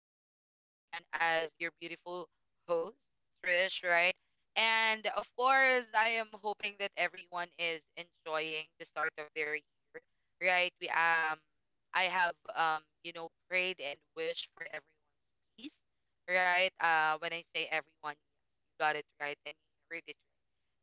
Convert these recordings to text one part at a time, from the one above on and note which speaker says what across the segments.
Speaker 1: I am back again as your beautiful host, Trish. Right, and of course, I am hoping that everyone is enjoying the start of their year. Right, we I have you know, prayed and wished for everyone's peace. Right, when I say everyone, yes, you got it right, and you heard it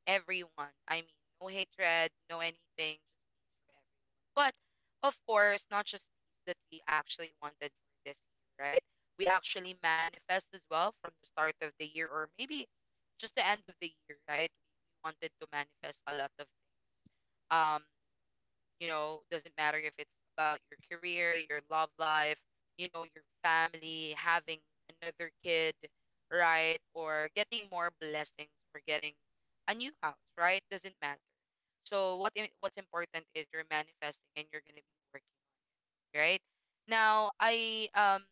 Speaker 1: everyone. I mean, no hatred, no anything, just peace for everyone. But of course, not just peace that we actually wanted for this year, right? We actually manifest as well from the start of the year, or maybe just the end of the year, right? We wanted to manifest a lot of things. um, you know, doesn't matter if it's about your career, your love life, you know, your family, having another kid, right? Or getting more blessings or getting a new house, right? Doesn't matter. So what's important is you're manifesting and you're gonna be working, right? Now I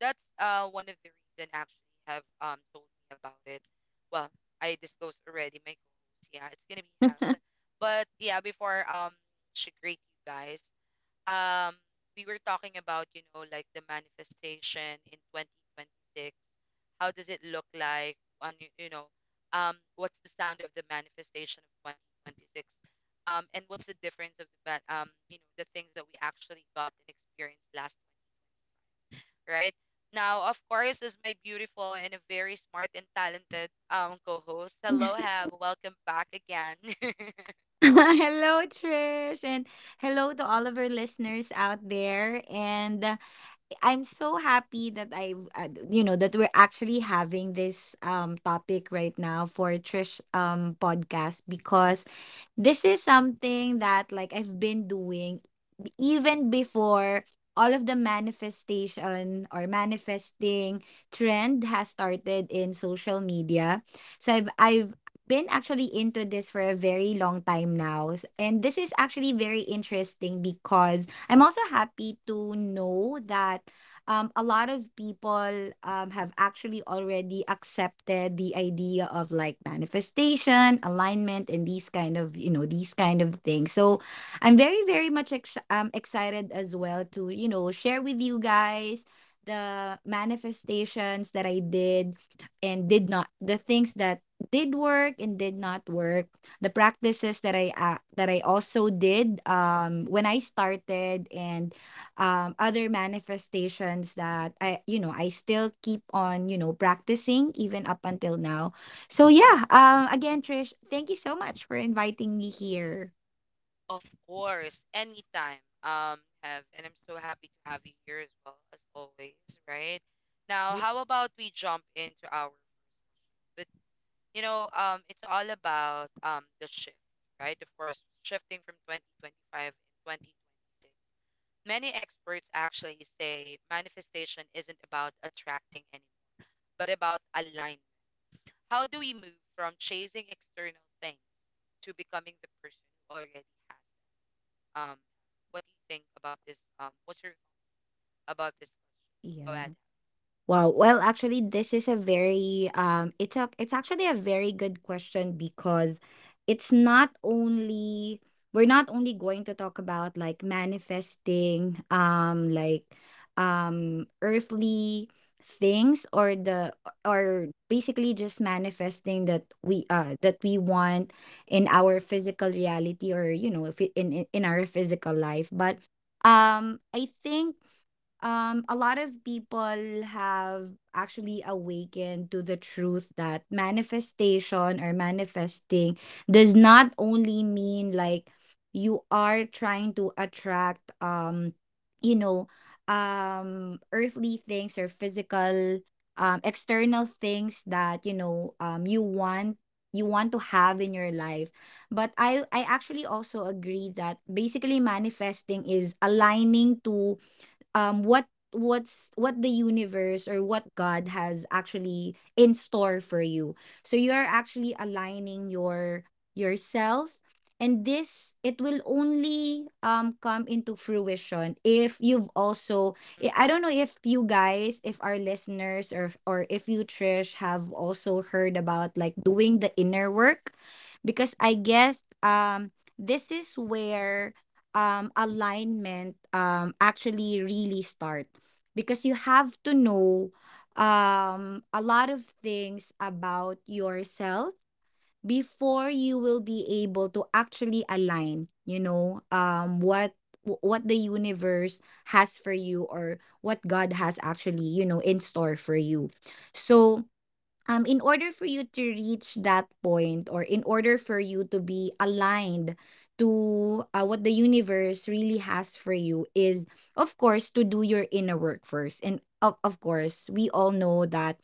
Speaker 1: that's one of the reason actually have told me about it. Well, I disclosed already my co-host. Yeah, it's gonna be Hev. But yeah, before she greet you guys, um we were talking about you know like the manifestation in 2026, how does it look like on you, you know, what's the sound of the manifestation of 2026, and what's the difference of the you know the things that we actually got and experienced last 20, right, now of course is my beautiful and a very smart and talented co-host, hello have, welcome back again.
Speaker 2: Hello, Trish, and hello to all of our listeners out there. And I'm so happy that I, d- you know, that we're actually having this topic right now for Trish podcast because this is something that like I've been doing even before all of the manifestation or manifesting trend has started in social media. So I've been actually into this for a very long time now. And this is actually very interesting because I'm also happy to know that a lot of people have actually already accepted the idea of like manifestation, alignment, and these kind of things. So I'm very much excited as well to, you know, share with you guys the manifestations that I did and did not, the things that did work and did not work, the practices that I also did when I started, and other manifestations that I, you know, I still keep on, you know, practicing even up until now. So yeah, again, Trish, thank you so much for inviting me here.
Speaker 1: Of course, anytime. Have, and I'm so happy to have you here as well as always, right? Now, how about we jump into our but you know, it's all about the shift, right? Of course, shifting from 2025 and 2026. Many experts actually say manifestation isn't about attracting anymore, but about alignment. How do we move from chasing external things to becoming the person who already has? Um, what do you think about this? What's your thoughts about this question? Go
Speaker 2: Yeah.
Speaker 1: ahead.
Speaker 2: Wow. Well, actually, this is a very it's actually a very good question because it's not only we're not only going to talk about like manifesting earthly things or the or basically just manifesting that we want in our
Speaker 1: Mm,
Speaker 2: physical reality or you know if it, in in our physical life. But I think a lot of people have actually awakened to the truth that manifestation or manifesting does not only mean like you are trying to attract you know earthly things or physical external things that you want, you want to have in your life. But I actually also agree that basically manifesting is aligning to um what what the universe or what God has actually in store for you. So you are actually aligning yourself, and this, it will only come into fruition if you've also,
Speaker 1: mm,
Speaker 2: I don't know if you guys, if our listeners, or if you, Trish, have also heard about like doing the inner work. Because I guess this is where alignment actually really start because you have to know a lot of things about yourself before you will be able to actually align, you know, what the universe has for you or what God has actually, you know, in store for you. So in order for you to reach that point, or in order for you to be aligned to what the universe really has for you, is of course to do your inner work first. And of course we all know that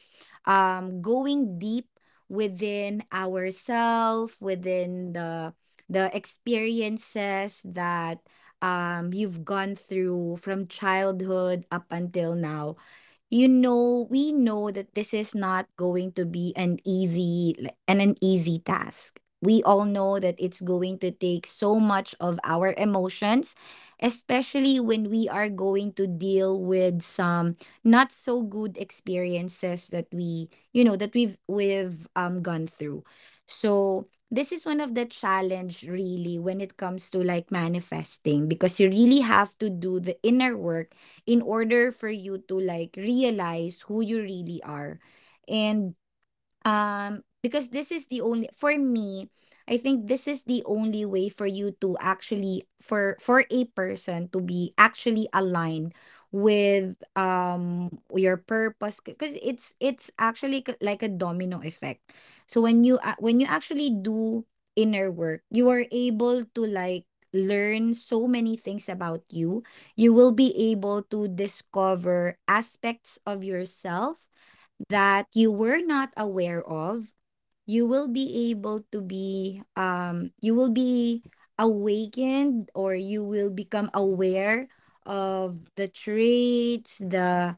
Speaker 2: going deep within ourself, within the experiences that you've gone through from childhood up until now, you know, we know that this is not going to be an easy task. We all know that it's going to take so much of our emotions, especially when we are going to deal with some not so good experiences that we, you know, that we've gone through. So this is one of the challenge really when it comes to like manifesting, because you really have to do the inner work in order for you to like realize who you really are. And because this is the only, for me, I think this is the only way for you to actually, for a person to be actually aligned with your purpose, because it's actually like a domino effect. So when you actually do inner work, you are able to like learn so many things about you. You will be able to discover aspects of yourself that you were not aware of. You will be able to be, you will be awakened, or you will become aware of the traits, the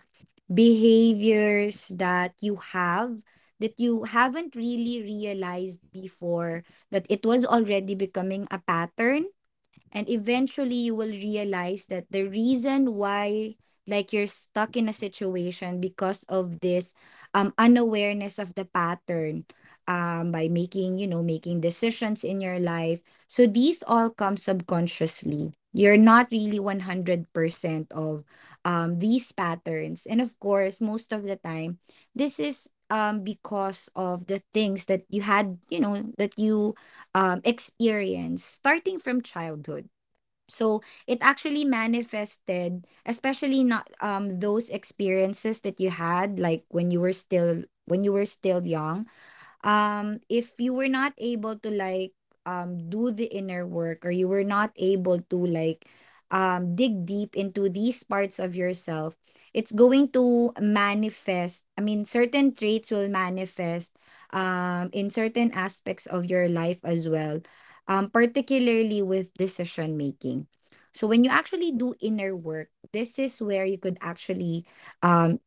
Speaker 2: behaviors that you have that you haven't really realized before, that it was already becoming a pattern. And eventually, you will realize that the reason why, like, you're stuck in a situation, because of this unawareness of the pattern, by making, you know, making decisions in your life. So these all come subconsciously. You're not really 100% of these patterns. And of course, most of the time, this is because of the things that you had, you know, that you experience starting from childhood. So it actually manifested, especially not those experiences that you had, like when you were still young. If you were not able to like do the inner work, or you were not able to like dig deep into these parts of yourself, it's going to manifest, I mean, certain traits will manifest in certain aspects of your life as well, particularly with decision making. So when you actually do inner work, this is where you could actually um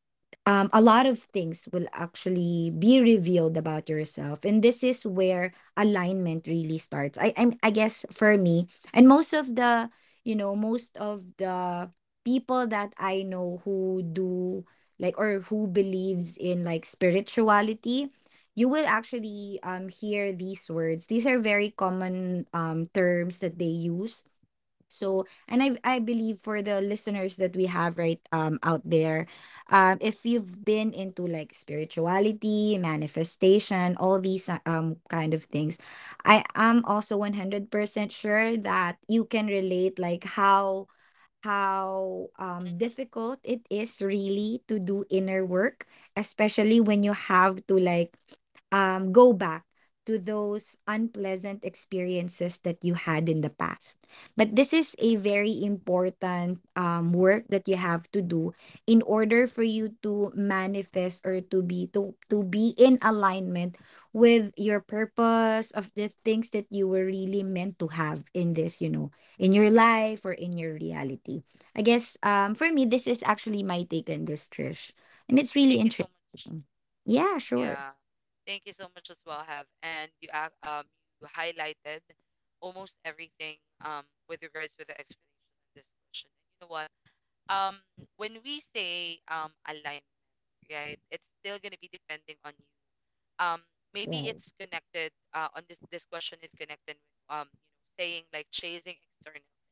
Speaker 2: a lot of things will actually be revealed about yourself. And this is where alignment really starts. I guess for me and most of the, you know, most of the people that I know who do like, or who believes in like spirituality, you will actually hear these words. These are very common terms that they use. So, and I believe for the listeners that we have right out there, if you've been into like spirituality, manifestation, all these kind of things, I am also 100% sure that you can relate like how,
Speaker 1: mm, mm,
Speaker 2: difficult it is really to do inner work, especially when you have to like go back to those unpleasant experiences that you had in the past. But this
Speaker 1: Agree.
Speaker 2: is
Speaker 1: Agree.
Speaker 2: a very important work that you have to do in order for you to manifest or to be, to be in alignment with your purpose, of the things that you were really meant to have in this, you know, in your life or in your reality. I guess for me, this is actually my take on this, Trish. And it's really
Speaker 1: Thank you so
Speaker 2: interesting.
Speaker 1: much.
Speaker 2: Yeah, sure.
Speaker 1: Yeah. Thank you so much as well, Have. And you you highlighted almost everything with regards to the explanation of this question. And you know what? Um, when we say alignment, right, it's still gonna be depending on you, um maybe
Speaker 2: Right.
Speaker 1: it's connected on this question is connected with you know saying like chasing external things,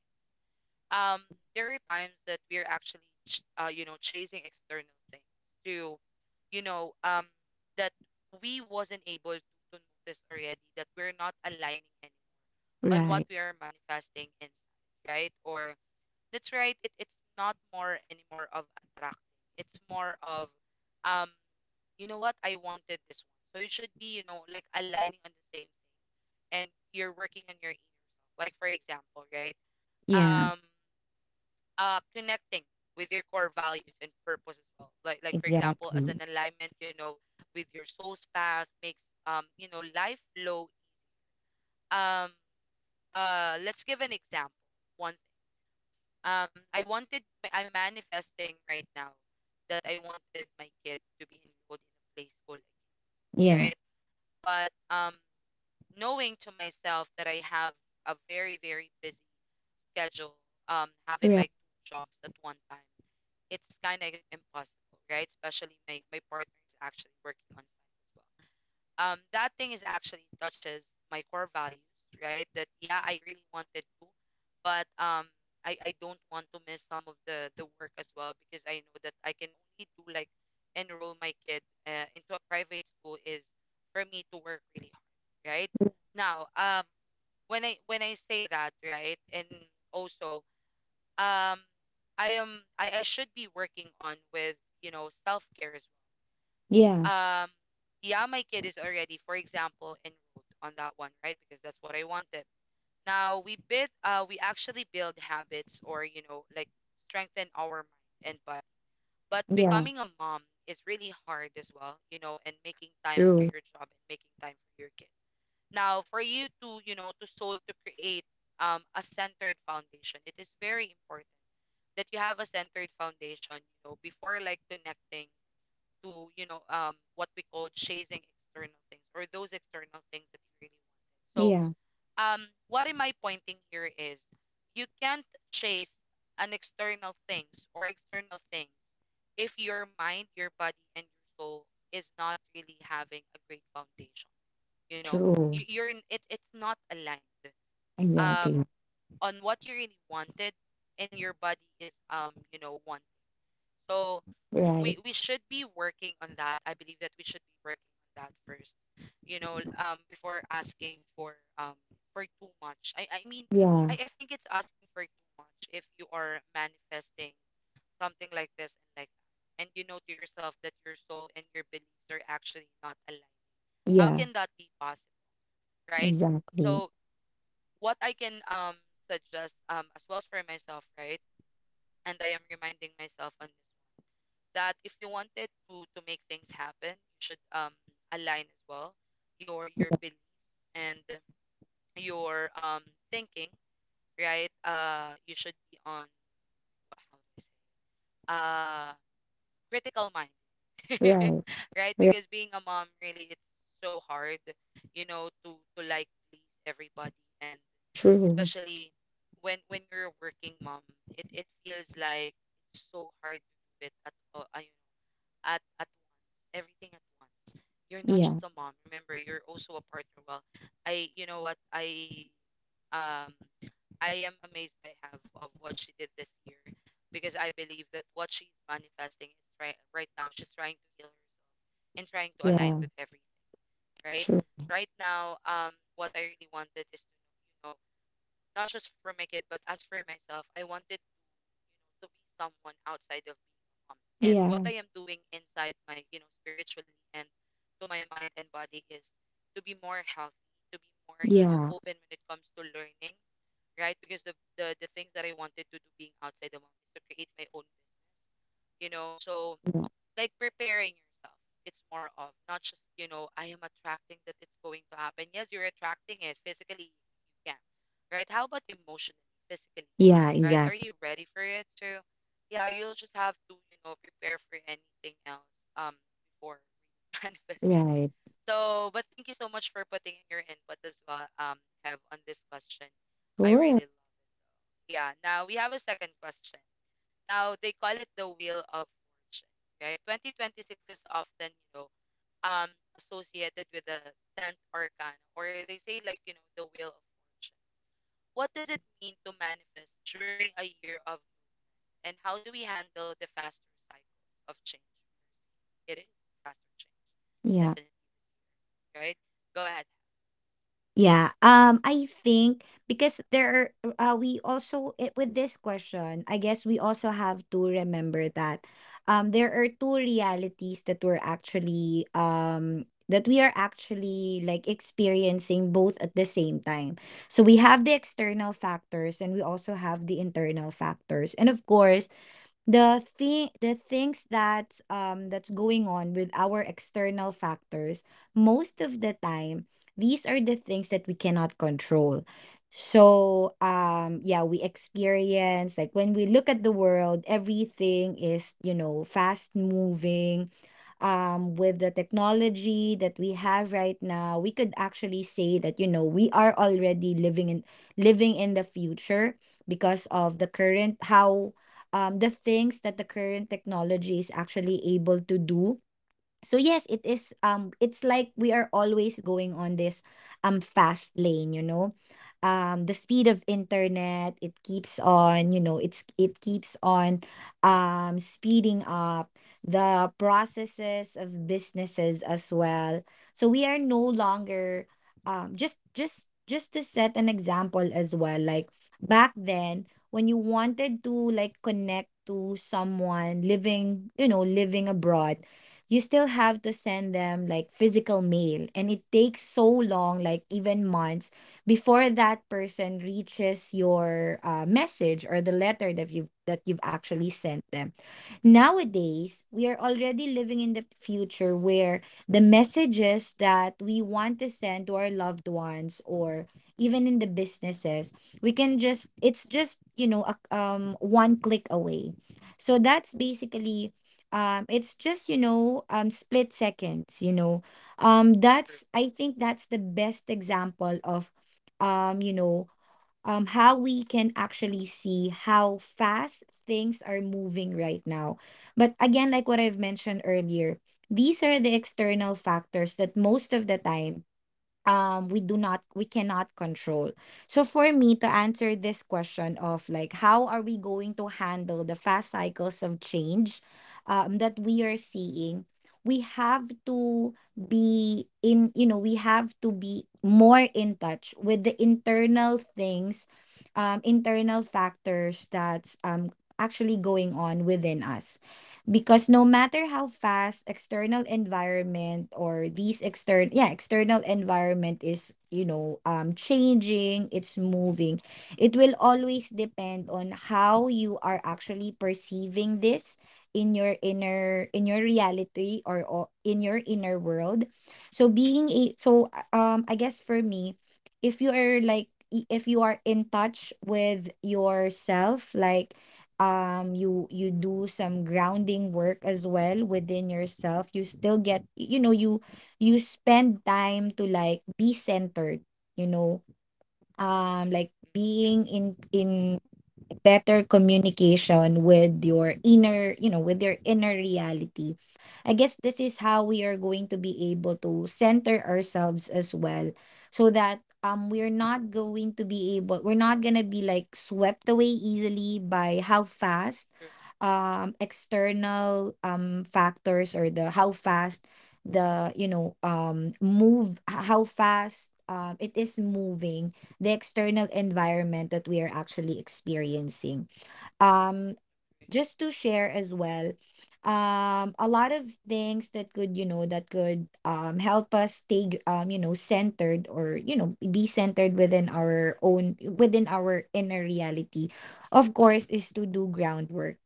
Speaker 1: um there are times that we're actually you know chasing external things to you know that we wasn't able to notice already that we're not aligning anymore on what
Speaker 2: Right.
Speaker 1: we are manifesting inside, right? or That's right, it's not more anymore of attracting, it's more of um you know what, I wanted this one. So you should be, you know, like aligning on the same thing and you're working on your inner self. Like for example, right?
Speaker 2: Yeah,
Speaker 1: Um Connecting with your core values and purpose as well. Like for example, as
Speaker 2: exactly.
Speaker 1: an alignment, you know, with your soul's path makes you know, life flow. um let's give an example. One thing I wanted, I'm manifesting right now, that I wanted my kid to be enrolled in a play school again,
Speaker 2: Yeah,
Speaker 1: right? But knowing to myself that I have a very, very busy schedule, having like
Speaker 2: right.
Speaker 1: two jobs at one time, it's kind of impossible, right? Especially my, my partner is actually working on site as well, that thing is actually touches my core values, right? That yeah, I really wanted to, but I don't want to miss some of the work as well because I know that I can only do like enroll my kid into a private school is for me to work really hard, right? Now, when I say that, right, and also, um, I am I should be working on with you know self care,
Speaker 2: Yeah,
Speaker 1: um yeah my kid is already for example enrolled on that one, right? Because that's what I wanted. Now we bid we actually build habits or you know like strengthen our mind and body, but
Speaker 2: yeah,
Speaker 1: becoming a mom is really hard as well, you know, and making time for
Speaker 2: true.
Speaker 1: your job and making time for your kid. Now for you to you know to soul to create a centered foundation, it is very important that you have a centered foundation, you know, before like connecting to you know what we call chasing external things or those external things that you really wanted. So
Speaker 2: Yeah,
Speaker 1: what am I pointing here is you can't chase an external things or external things if your mind, your body, and your soul is not really having a great foundation, you know,
Speaker 2: true.
Speaker 1: you're in it, it's not aligned um
Speaker 2: Exactly.
Speaker 1: on what you really wanted and your body is you know wanting. So
Speaker 2: Right.
Speaker 1: we should be working on that. I believe that we should be working on that first, you know, before asking um for too much. I mean,
Speaker 2: Yeah,
Speaker 1: I think it's asking for too much if you are manifesting something like this and like that, and you know to yourself that your soul and your beliefs are actually not aligned. How
Speaker 2: yeah,
Speaker 1: can that be possible, right?
Speaker 2: exactly.
Speaker 1: So what I can suggest as well as for myself, right? And I am reminding myself on this, that if you wanted to make things happen, you should align as well your
Speaker 2: Yeah.
Speaker 1: belief and your thinking, right? You should be on what? How do I say it? Uh, Critical mind,
Speaker 2: Right,
Speaker 1: right?
Speaker 2: right.
Speaker 1: Because being a mom really it's so hard, you know, to like please everybody, and
Speaker 2: True.
Speaker 1: especially when you're a working mom, it feels like it's so hard to do it at all, at once, everything at once. You're not
Speaker 2: Yeah,
Speaker 1: just a mom. Remember, you're also a partner. Well, I you know what I um I am amazed by half of what she did this year because I believe that what she's manifesting is right right now. She's trying to heal herself and trying to align
Speaker 2: Right.
Speaker 1: with everything. Right,
Speaker 2: True.
Speaker 1: right now, what I really wanted is to you know not just for my kid but as for myself, I wanted you know to be someone outside of being a mom, and
Speaker 2: Yeah,
Speaker 1: what I am doing inside my you know spiritually and to my mind and body is to be more healthy, to be more you know
Speaker 2: yeah,
Speaker 1: open when it comes to learning, right? Because the things that I wanted to do being outside the mom is to create my own business, you know, so
Speaker 2: yeah,
Speaker 1: like preparing yourself. It's more of not just, you know, I am attracting that it's going to happen. Yes, you're attracting it physically, you can, right? How about emotionally, physically,
Speaker 2: yeah,
Speaker 1: right? Are
Speaker 2: exactly.
Speaker 1: you ready for it? So, yeah, you'll just have to, you know, prepare for anything else um before we manifest it.
Speaker 2: Right.
Speaker 1: So, but thank you so much for putting in your input as well, have on this question. I
Speaker 2: Sure.
Speaker 1: really love it. Yeah, now we have a second question. Now they call it the wheel of fortune, right? 2026 is often, you know, um associated with the 10th arcana, or they say like, you know, the wheel of fortune. What does it mean to manifest during a year of, and how do we handle the faster cycles of change? It is faster change,
Speaker 2: Yeah.
Speaker 1: definitely, right? Go ahead.
Speaker 2: Yeah. I think because there are, we also with this question, I guess we also have to remember that there are two realities that we're actually, that we are actually like experiencing both at the same time. So we have the external factors and we also have the internal factors. And of course, the thing the things that that's going on with our external factors, most of the time, these are the things that we cannot control. So yeah, we experience like, when we look at the world, everything is, you know, fast moving. With the technology that we have right now, we could actually say that, you know, we are already living in, living in the future, because of the current how the things that the current technology is actually able to do. So yes, it is, it's like we are always going on this fast lane, you know. The speed of internet, it keeps on, you know, it keeps on speeding up the processes of businesses as well. So we are no longer just to set an example as well, like back then, when you wanted to like connect to someone living abroad, you still have to send them like physical mail, and it takes so long, like even months before that person reaches your message, or the letter that you've actually sent them. Nowadays we are already
Speaker 1: Mm,
Speaker 2: living in the future, where the messages that we want to send to our loved ones, or even in the businesses, we can just it's just one click away. So that's basically, it's just, split seconds.
Speaker 1: true.
Speaker 2: That's I think that's the best example of um you know how we can actually see how fast things are moving right now. But again, like what I've mentioned earlier, these are the external factors that, most of the time, we do not we cannot control. So for me to answer this question of, like, how are we going to handle the fast cycles of change that we are seeing, we have to be in you know we have to be more in touch with the internal things, internal factors, that's actually going on within us. Because no matter how fast external environment or these external yeah external environment is, changing, it's moving, it will always depend on how you are actually perceiving this, in your inner, in your reality, or in your inner world. So being a so uh, um I guess for me, if you are like, if you are in touch with yourself, like, you do some grounding work as well within yourself, you still get, you spend time to, like, be centered, you know like
Speaker 1: Mm,
Speaker 2: being in better communication with your inner, with your inner reality. I guess this is how we are going to be able to center ourselves as well, so that we're not going to be, like, swept away easily by how fast
Speaker 1: true.
Speaker 2: external factors, or the how fast, the you know move how fast it is moving, the external environment that we are actually experiencing. Um,
Speaker 1: True.
Speaker 2: just to share as well, a lot of things that could, that could, help us stay, centered, or, be centered within our own, within our inner reality, of course,
Speaker 1: Mm,
Speaker 2: is to do groundwork.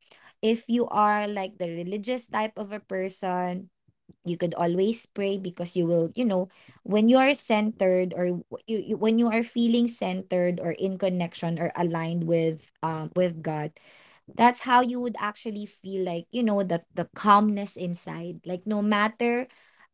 Speaker 2: If you are like the religious type of a person, you could always pray, because you will, you know, when you are centered, or you, you, when you are feeling centered, or in connection, or aligned with, with God, that's how you would actually feel, like, you know, that the calmness inside, like, no matter,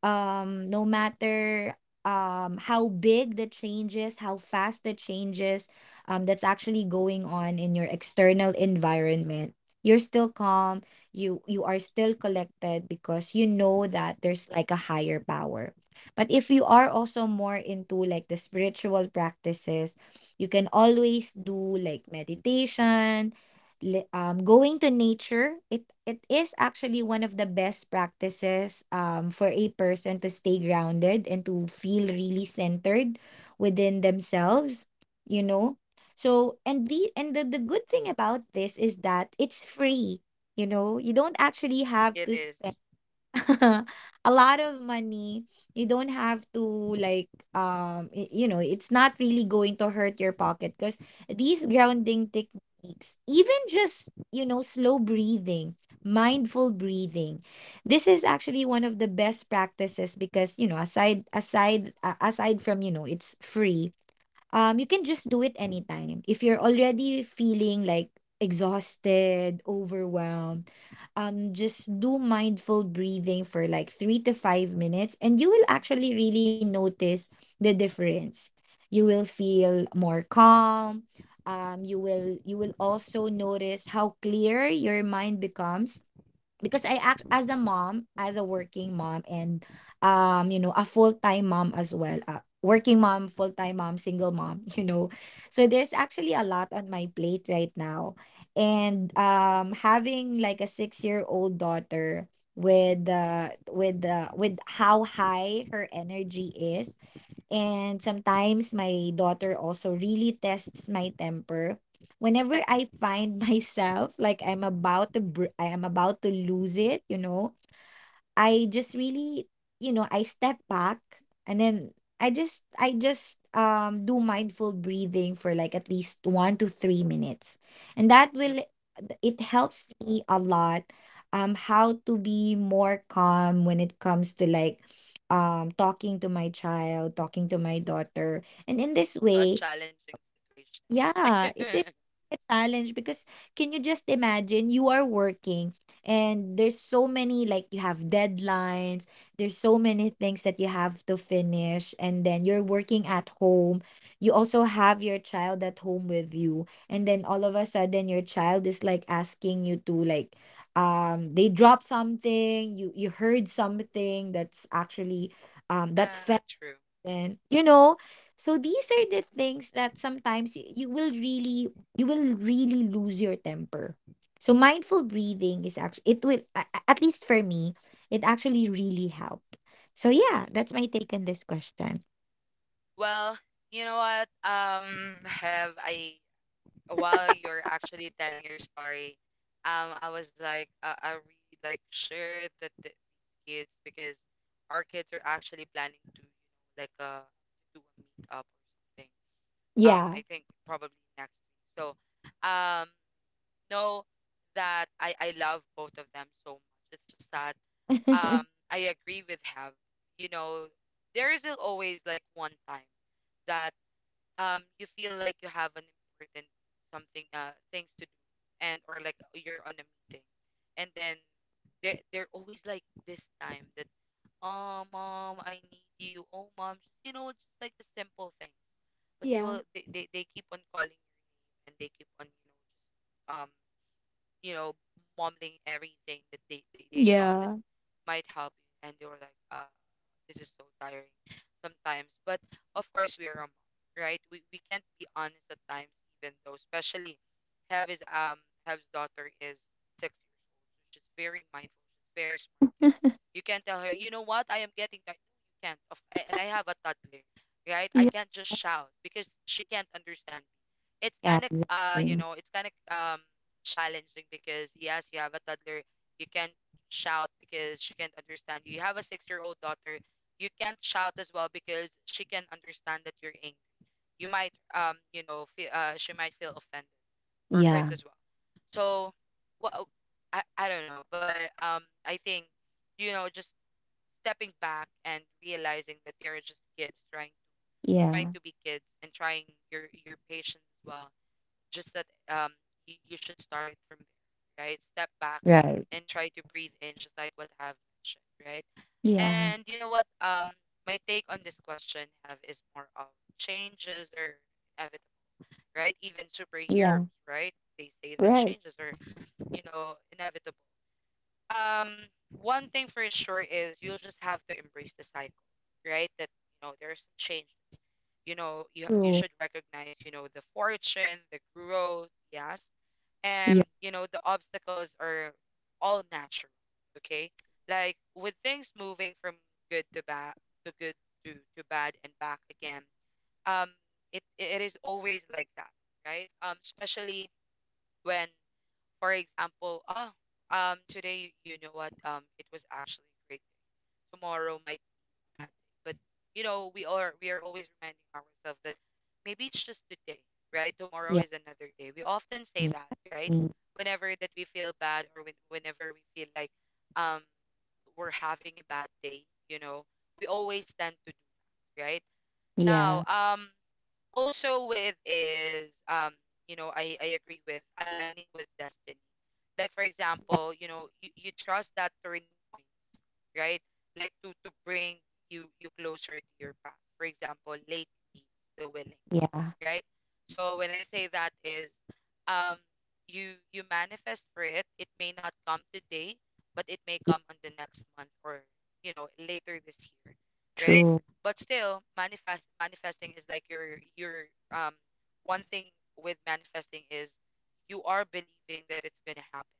Speaker 2: no matter, how big the changes, how fast the changes, that's actually going on in your external environment, you're still calm, you are still collected, because you know that there's, like, a higher power. But if you are also more into, like, the spiritual practices, you can always do, like, meditation. Going to nature, it is actually one of the best practices, for a person to stay grounded and to feel really centered within
Speaker 1: true.
Speaker 2: themselves. You know, so, and the good thing about this is that it's free. You know, you don't actually have
Speaker 1: It
Speaker 2: to spend
Speaker 1: is.
Speaker 2: a lot of money. You don't have to, like, you know, it's not really going to hurt your pocket, because these grounding techniques, even just, you know, slow breathing, mindful breathing, this is actually one of the best practices, because, you know, aside, aside, aside from, you know, it's free, you can just do it anytime. If you're already feeling, like, exhausted, overwhelmed, just do mindful breathing for like 3 to 5 minutes, and you will actually really notice the difference. You will feel more calm. You will, you will also notice how clear your mind becomes. Because I act
Speaker 1: Uh-uh.
Speaker 2: as a mom, as a working mom, and, you know, a full time mom as well. Working mom, full time mom, single mom, you know. So there's actually a
Speaker 1: True.
Speaker 2: lot on my plate right now. And having like a 6-year old daughter, with how high her energy is. And sometimes my daughter also really tests my temper. Whenever I find myself, like, I'm about to I am about to lose it, you know, I just really, you know, I step back, and then I just do mindful breathing for like at least 1 to 3 minutes. And that
Speaker 1: Mm,
Speaker 2: will, it helps me a lot, how to be more calm when it comes to, like, talking to my child, talking to my daughter. And in this
Speaker 1: to a
Speaker 2: way,
Speaker 1: challenging situation.
Speaker 2: yeah, it is a challenge, because, can you just imagine, you are working and there's so many, like, you have deadlines, there's so many things that you have to finish, and then you're working at home. You also have your child at home with you, and then, all of a sudden, your child is, like, asking you to, like, they drop something, you heard something that's actually, that
Speaker 1: Ah,
Speaker 2: fell.
Speaker 1: true.
Speaker 2: Then, you know, so these are the things that sometimes you will really, you will really lose your temper. So mindful breathing is actually, it will a- at least for me, it actually really helped. So yeah, that's my take on this question.
Speaker 1: Well, you know what? Have, I while you're actually telling your story, I was like, are we like sure that these kids because our kids are actually planning to, you know, like to do a meetup or something.
Speaker 2: Yeah.
Speaker 1: I think probably next week. So, um, know that I love both of them so much. It's just that I agree with have. You know, there is always like one time that you feel like you have an important something things to do and or like you're on a meeting, and then they're always like this time that, oh mom I need you, oh mom, just just like the simple things. But they
Speaker 2: Yeah.
Speaker 1: will they keep on calling your name, and they keep on you know just you know mumbling everything that they thought that
Speaker 2: Yeah.
Speaker 1: might help you, and you're like, this is so tiring sometimes. But of course we are a mom, right? We can't be honest at times, even though, especially have his Hev's daughter is 6 years old, so she's very mindful, she's very smart kid. You can't tell her, you know what, I am getting tired. No, you can't and I have a toddler, right? I
Speaker 2: Yeah.
Speaker 1: can't just shout because she can't understand. It's
Speaker 2: Yeah,
Speaker 1: kind of
Speaker 2: exactly.
Speaker 1: it's kind of challenging because yes, you have a toddler, you can't shout because she can't understand you. You have a 6 year old daughter, you can't shout as well because she can understand that you're angry. You might you know feel, she might feel offended or hurt
Speaker 2: Yeah.
Speaker 1: as well. So what, I don't know, but I think, you know, just stepping back and realizing that they are just kids trying, trying
Speaker 2: Yeah.
Speaker 1: to be kids, and trying your patience as well. Just that you should start from there, right? Step back
Speaker 2: Right.
Speaker 1: and try to breathe in, just like what I've mentioned, right?
Speaker 2: Yeah.
Speaker 1: And you know what? My take on this question have is more of changes or inevitable, right? Even
Speaker 2: Yeah.
Speaker 1: superheroes, right? They say that
Speaker 2: Right.
Speaker 1: changes are, you know, inevitable. Um, one thing for sure is you'll just have to embrace the cycle, right? That you know there are some changes. You know, you
Speaker 2: True.
Speaker 1: should recognize, you know, the fortune, the growth, yes,
Speaker 2: Yeah.
Speaker 1: and you know the obstacles are all natural. Okay, like with things moving from good to bad, to good, to bad, and back again. um it is always like that, right? Especially when, for example, today, you know what, it was actually great, tomorrow might be a bad day. But you know, we are always reminding ourselves that maybe it's just today, right? Tomorrow
Speaker 2: Yeah,
Speaker 1: is another day. We often say that,
Speaker 2: exactly.
Speaker 1: right? Whenever that we feel bad or whenever we feel like um we're having a bad day, you know, we always tend to do, right?
Speaker 2: Yeah,
Speaker 1: Now, also with is you know I agree with aligning with destiny. Like for
Speaker 2: yeah,
Speaker 1: example, you know you trust that turning point, right? Like to bring you closer to your path. For example, late leads the willing,
Speaker 2: yeah,
Speaker 1: right? So when I say that is um you you manifest for it. It may not come today, but it may
Speaker 2: yeah.
Speaker 1: come on the next month, or you know later this year, right?
Speaker 2: True.
Speaker 1: But still manifest, manifesting is like your um one thing with manifesting is you are believing that it's going to happen,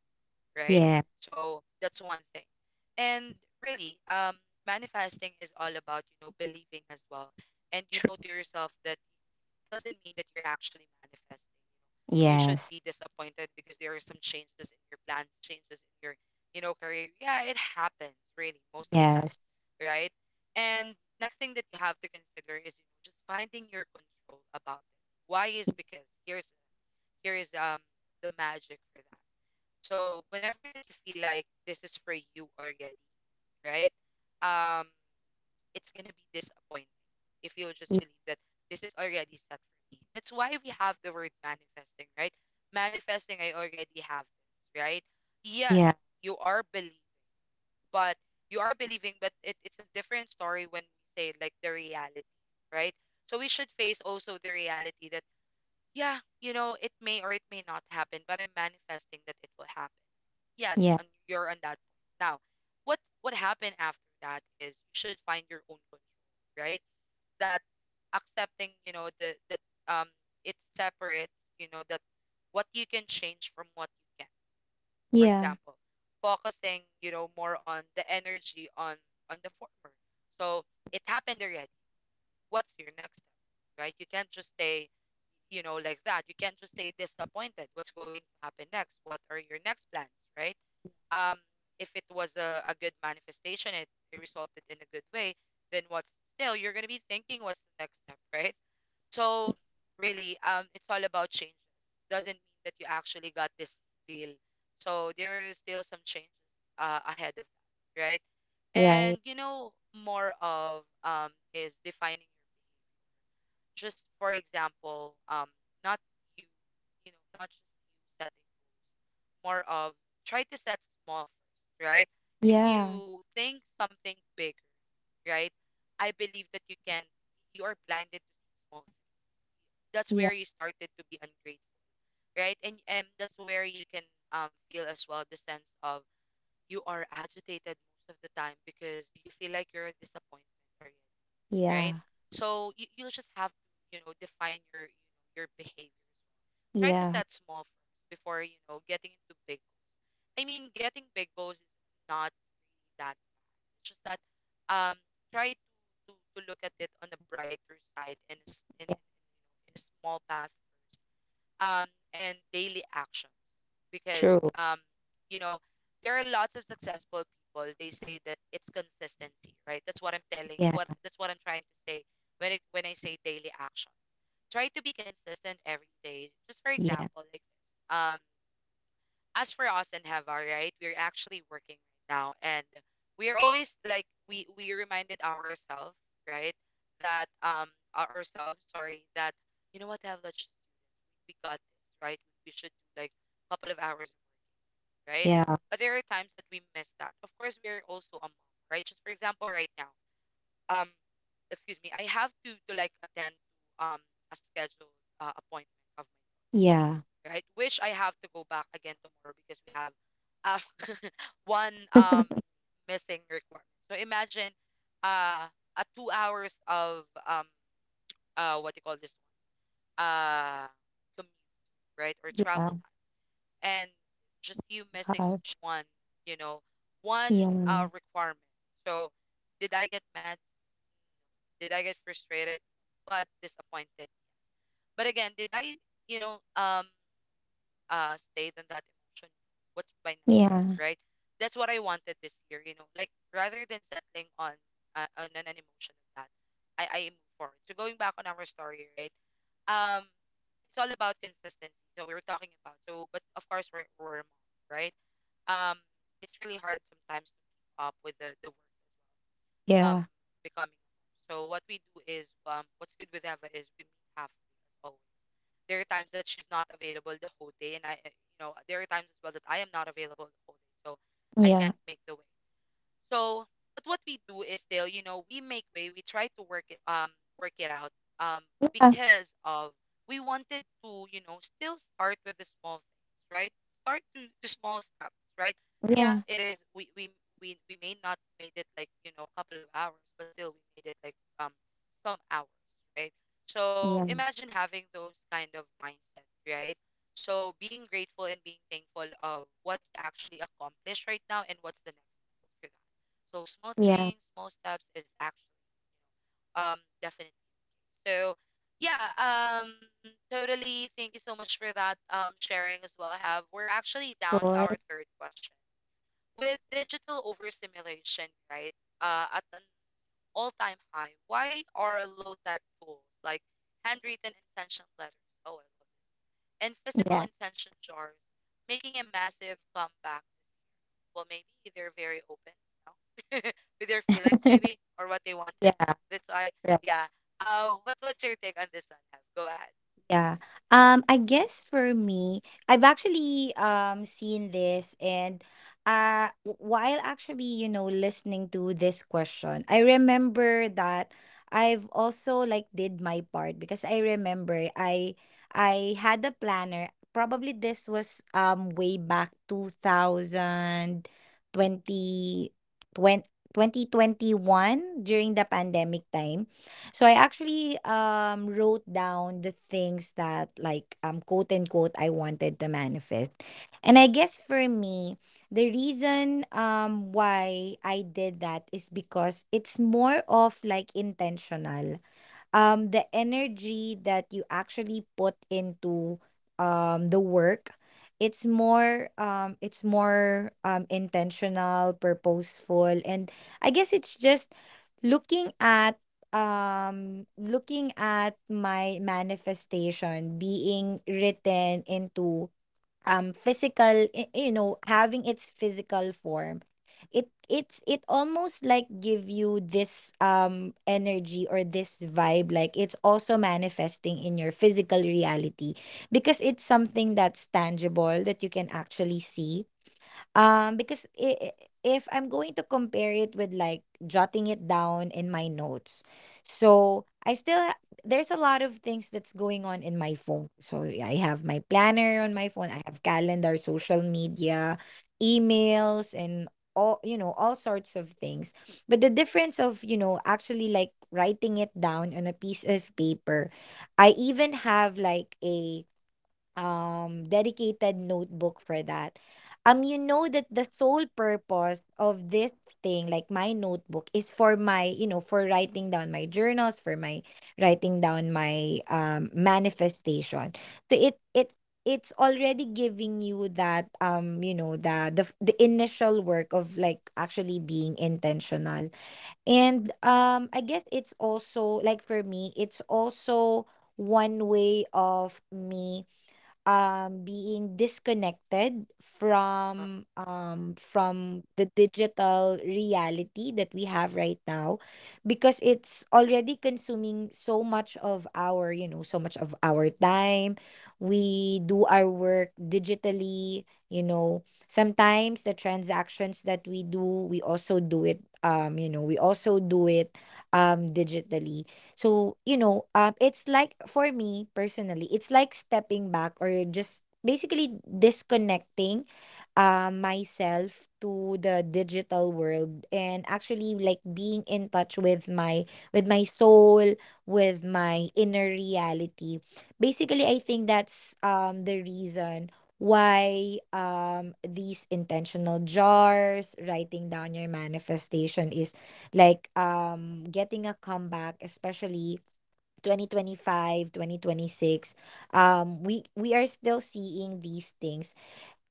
Speaker 1: right?
Speaker 2: Yeah.
Speaker 1: So that's one thing. And really, manifesting is all about, you know, believing as well. And you
Speaker 2: True.
Speaker 1: know to yourself that doesn't mean that you're actually manifesting. You should
Speaker 2: Yes,
Speaker 1: be disappointed because there are some changes in your plans, changes in your, you know, career. Yeah, it happens really most of the
Speaker 2: yes.
Speaker 1: time, right? And next thing that you have to consider is, you know, just finding your control about it. Why is because here's here is the magic for that. So whenever that you feel like this is for you already, right? Um, it's gonna be disappointing if you'll just
Speaker 2: y- y-
Speaker 1: believe that this is already set for me. That's why we have the word manifesting, right? Manifesting, I already have this, right? Yes,
Speaker 2: Yeah,
Speaker 1: you are believing, but you are believing, but it's a different story when we say like the reality, right? So we should face also the reality that yeah, you know, it may or it may not happen, but I'm manifesting that it will happen. Yes,
Speaker 2: yeah,
Speaker 1: and you're on that point. Now, what happened after that is you should find your own control, right? That accepting, you know, the that um it's separate, you know, that what you can change from what you can. For
Speaker 2: yeah.
Speaker 1: example, focusing, you know, more on the energy on the former. So it happened already. What's your next step? Right? You can't just stay, you know, like that. You can't just stay disappointed. What's going to happen next? What are your next plans, right? Um, if it was a good manifestation, it resulted in a good way, then what's still you're gonna be thinking what's the next step, right?
Speaker 2: y-
Speaker 1: So really, it's all about changes. Doesn't mean that you actually got this deal. So there is still some changes ahead of that, right?
Speaker 2: Right.
Speaker 1: And you know, more of is defining your behavior, just for example, not you, you know, not just you setting more of try to set small first, right? If
Speaker 2: Yeah,
Speaker 1: you think something bigger, right? I believe that you can you are blinded to see small things. That's
Speaker 2: yeah,
Speaker 1: where you started to be ungrateful, right? And that's where you can feel as well the sense of you are agitated most of the time because you feel like you're a disappointment, or right?
Speaker 2: yeah,
Speaker 1: So you just have to, you know, define your, you know, your behavior. Try to
Speaker 2: yeah,
Speaker 1: set small first before, you know, getting into big goals. I mean, getting big goals is not really that. It's just that um try to to look at it on a brighter side and you
Speaker 2: yeah.
Speaker 1: know, in a small path, um, and daily actions because,
Speaker 2: True.
Speaker 1: you know there are lots of successful people, they say that it's consistency, right? That's what I'm telling,
Speaker 2: Yeah,
Speaker 1: what, that's what I'm trying to say. When it, when I say daily action, try to be consistent every day. Just for
Speaker 2: yeah,
Speaker 1: example, like this, as for us and Heva, right, we're actually working right now, and we're always like we reminded ourselves, right, that ourselves, sorry, that you know what Heva? We got this, right? We should do like a couple of hours, of work, right?
Speaker 2: yeah,
Speaker 1: But there are times that we miss that. Of course, we are also a mom, right? Just for example, right now, um, excuse me, I have to like attend to a scheduled appointment of
Speaker 2: yeah,
Speaker 1: mine, right? Which I have to go back again tomorrow because we have uh, one missing requirement. So imagine uh a 2 hours of what do you call this, one, commute, right, or
Speaker 2: yeah.
Speaker 1: travel time. And just you missing
Speaker 2: Gosh.
Speaker 1: just one, you know, one
Speaker 2: Yeah,
Speaker 1: requirement. So, did I get mad? Did I get frustrated? But disappointed? Yes. But again, did I, you know, stayed in that emotion? What's my next
Speaker 2: yeah,
Speaker 1: step, right? That's what I wanted this year, you know, like rather than settling on an emotion of that, I move forward. So going back on our story, right? Um, it's all about consistency. So we were talking about so, but of course we're a mom, right? um it's really hard sometimes to keep up with the work as well,
Speaker 2: yeah,
Speaker 1: becoming a mom. So what we do is, what's good with Eva is we meet halfway as always. There are times that she's not available the whole day, and I, you know, there are times as well that I am not available the whole day, so I
Speaker 2: yeah,
Speaker 1: can't make the way. So, but what we do is still, you know, we make way. We try to work it out, um, because of we wanted to, you know, still start with the small things, right? Start to the small steps, right? Yeah,
Speaker 2: yeah,
Speaker 1: it is. We may not made it like you know a couple of hours, but still we made it like some hours, right? So
Speaker 2: yeah,
Speaker 1: imagine having those kind of mindset, right? So being grateful and being thankful of what you actually accomplished right now and what's the next step for that. So small
Speaker 2: yeah, yeah.
Speaker 1: things, small steps is actually definitely. So yeah, totally thank you so much for that sharing as well. Have we're actually down to our
Speaker 2: Sure.
Speaker 1: third question. With digital overstimulation, right? At an all-time high, why are low-tech tools like handwritten intention letters, oh I love it, and physical
Speaker 2: Yeah,
Speaker 1: intention jars making a massive comeback? Well, maybe they're very open, you know, with their feelings, maybe, or what they wanted.
Speaker 2: yeah.
Speaker 1: That's why,
Speaker 2: Right.
Speaker 1: yeah. What what's your take on this one? Have, go ahead.
Speaker 2: Yeah. I guess for me, I've actually, seen this, and, while actually, you know, listening to this question, I remember that I've also, like, did my part, because I remember I had a planner. Probably this was, way back 2020, 20, 2021, during the pandemic time. So I actually, wrote down the things that, like, quote unquote, I wanted to manifest. And I guess for me, the reason why I did that is because it's more of, like, intentional, the energy that you actually put into, the work. It's more, intentional, purposeful, and I guess it's just looking at, looking at my manifestation being written into, physical, you know, having its physical form. It almost, like, give you this, energy, or this vibe, like it's also manifesting in your physical reality, because it's something that's tangible that you can actually see, because if I'm going to compare it with, like, jotting it down in my notes, so I still there's a lot of things that's going on in my phone. So yeah, I have my planner on my phone. I have calendar, social media, emails, and all, you know, all sorts of things. But the difference of, you know, actually, like, writing it down on a piece of paper, I even have, like, a, dedicated notebook for that, you know, that the sole purpose of this thing, like my notebook, is for my, you know, for writing down my journals, for my writing down my, manifestation. So it it's already giving you that, the, the initial work of, like, actually being intentional. And, I guess it's also, like, for me, it's also one way of me, being disconnected
Speaker 1: Uh-uh,
Speaker 2: from, from the digital reality that we have right now, because it's already consuming so much of our, you know, so much of our time. We do our work digitally, you know. Sometimes the transactions that we do, we also do it, digitally. So, you know, it's like for me personally, it's like stepping back, or just basically disconnecting, myself to the digital world, and actually, like, being in touch with my, with my soul, with my inner reality. Basically, I think that's, the reason why, these intentional jars, writing down your manifestation, is, like, getting a comeback, especially 2025, 2026, we are still seeing these things.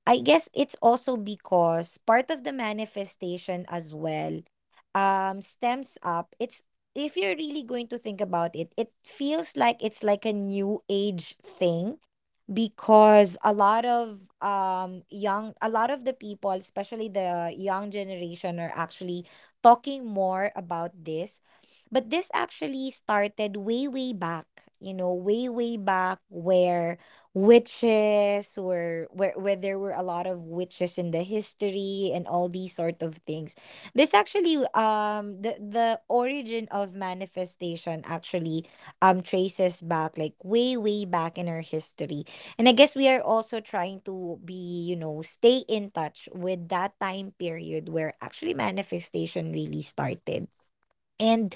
Speaker 2: I guess it's also because part of the manifestation as well, stems up. It's, if you're really going to think about it, it feels like it's, like, a new age thing, because a lot of the people, especially the young generation, are actually talking more about this. But this actually started way way back, you know, way way back, where witches were, where there were a lot of witches in the history, and all these sort of things. This actually um the the origin of manifestation actually, traces back, like, way way back in our history. And I guess we are also trying to, stay in touch with that time period where actually manifestation really started. And,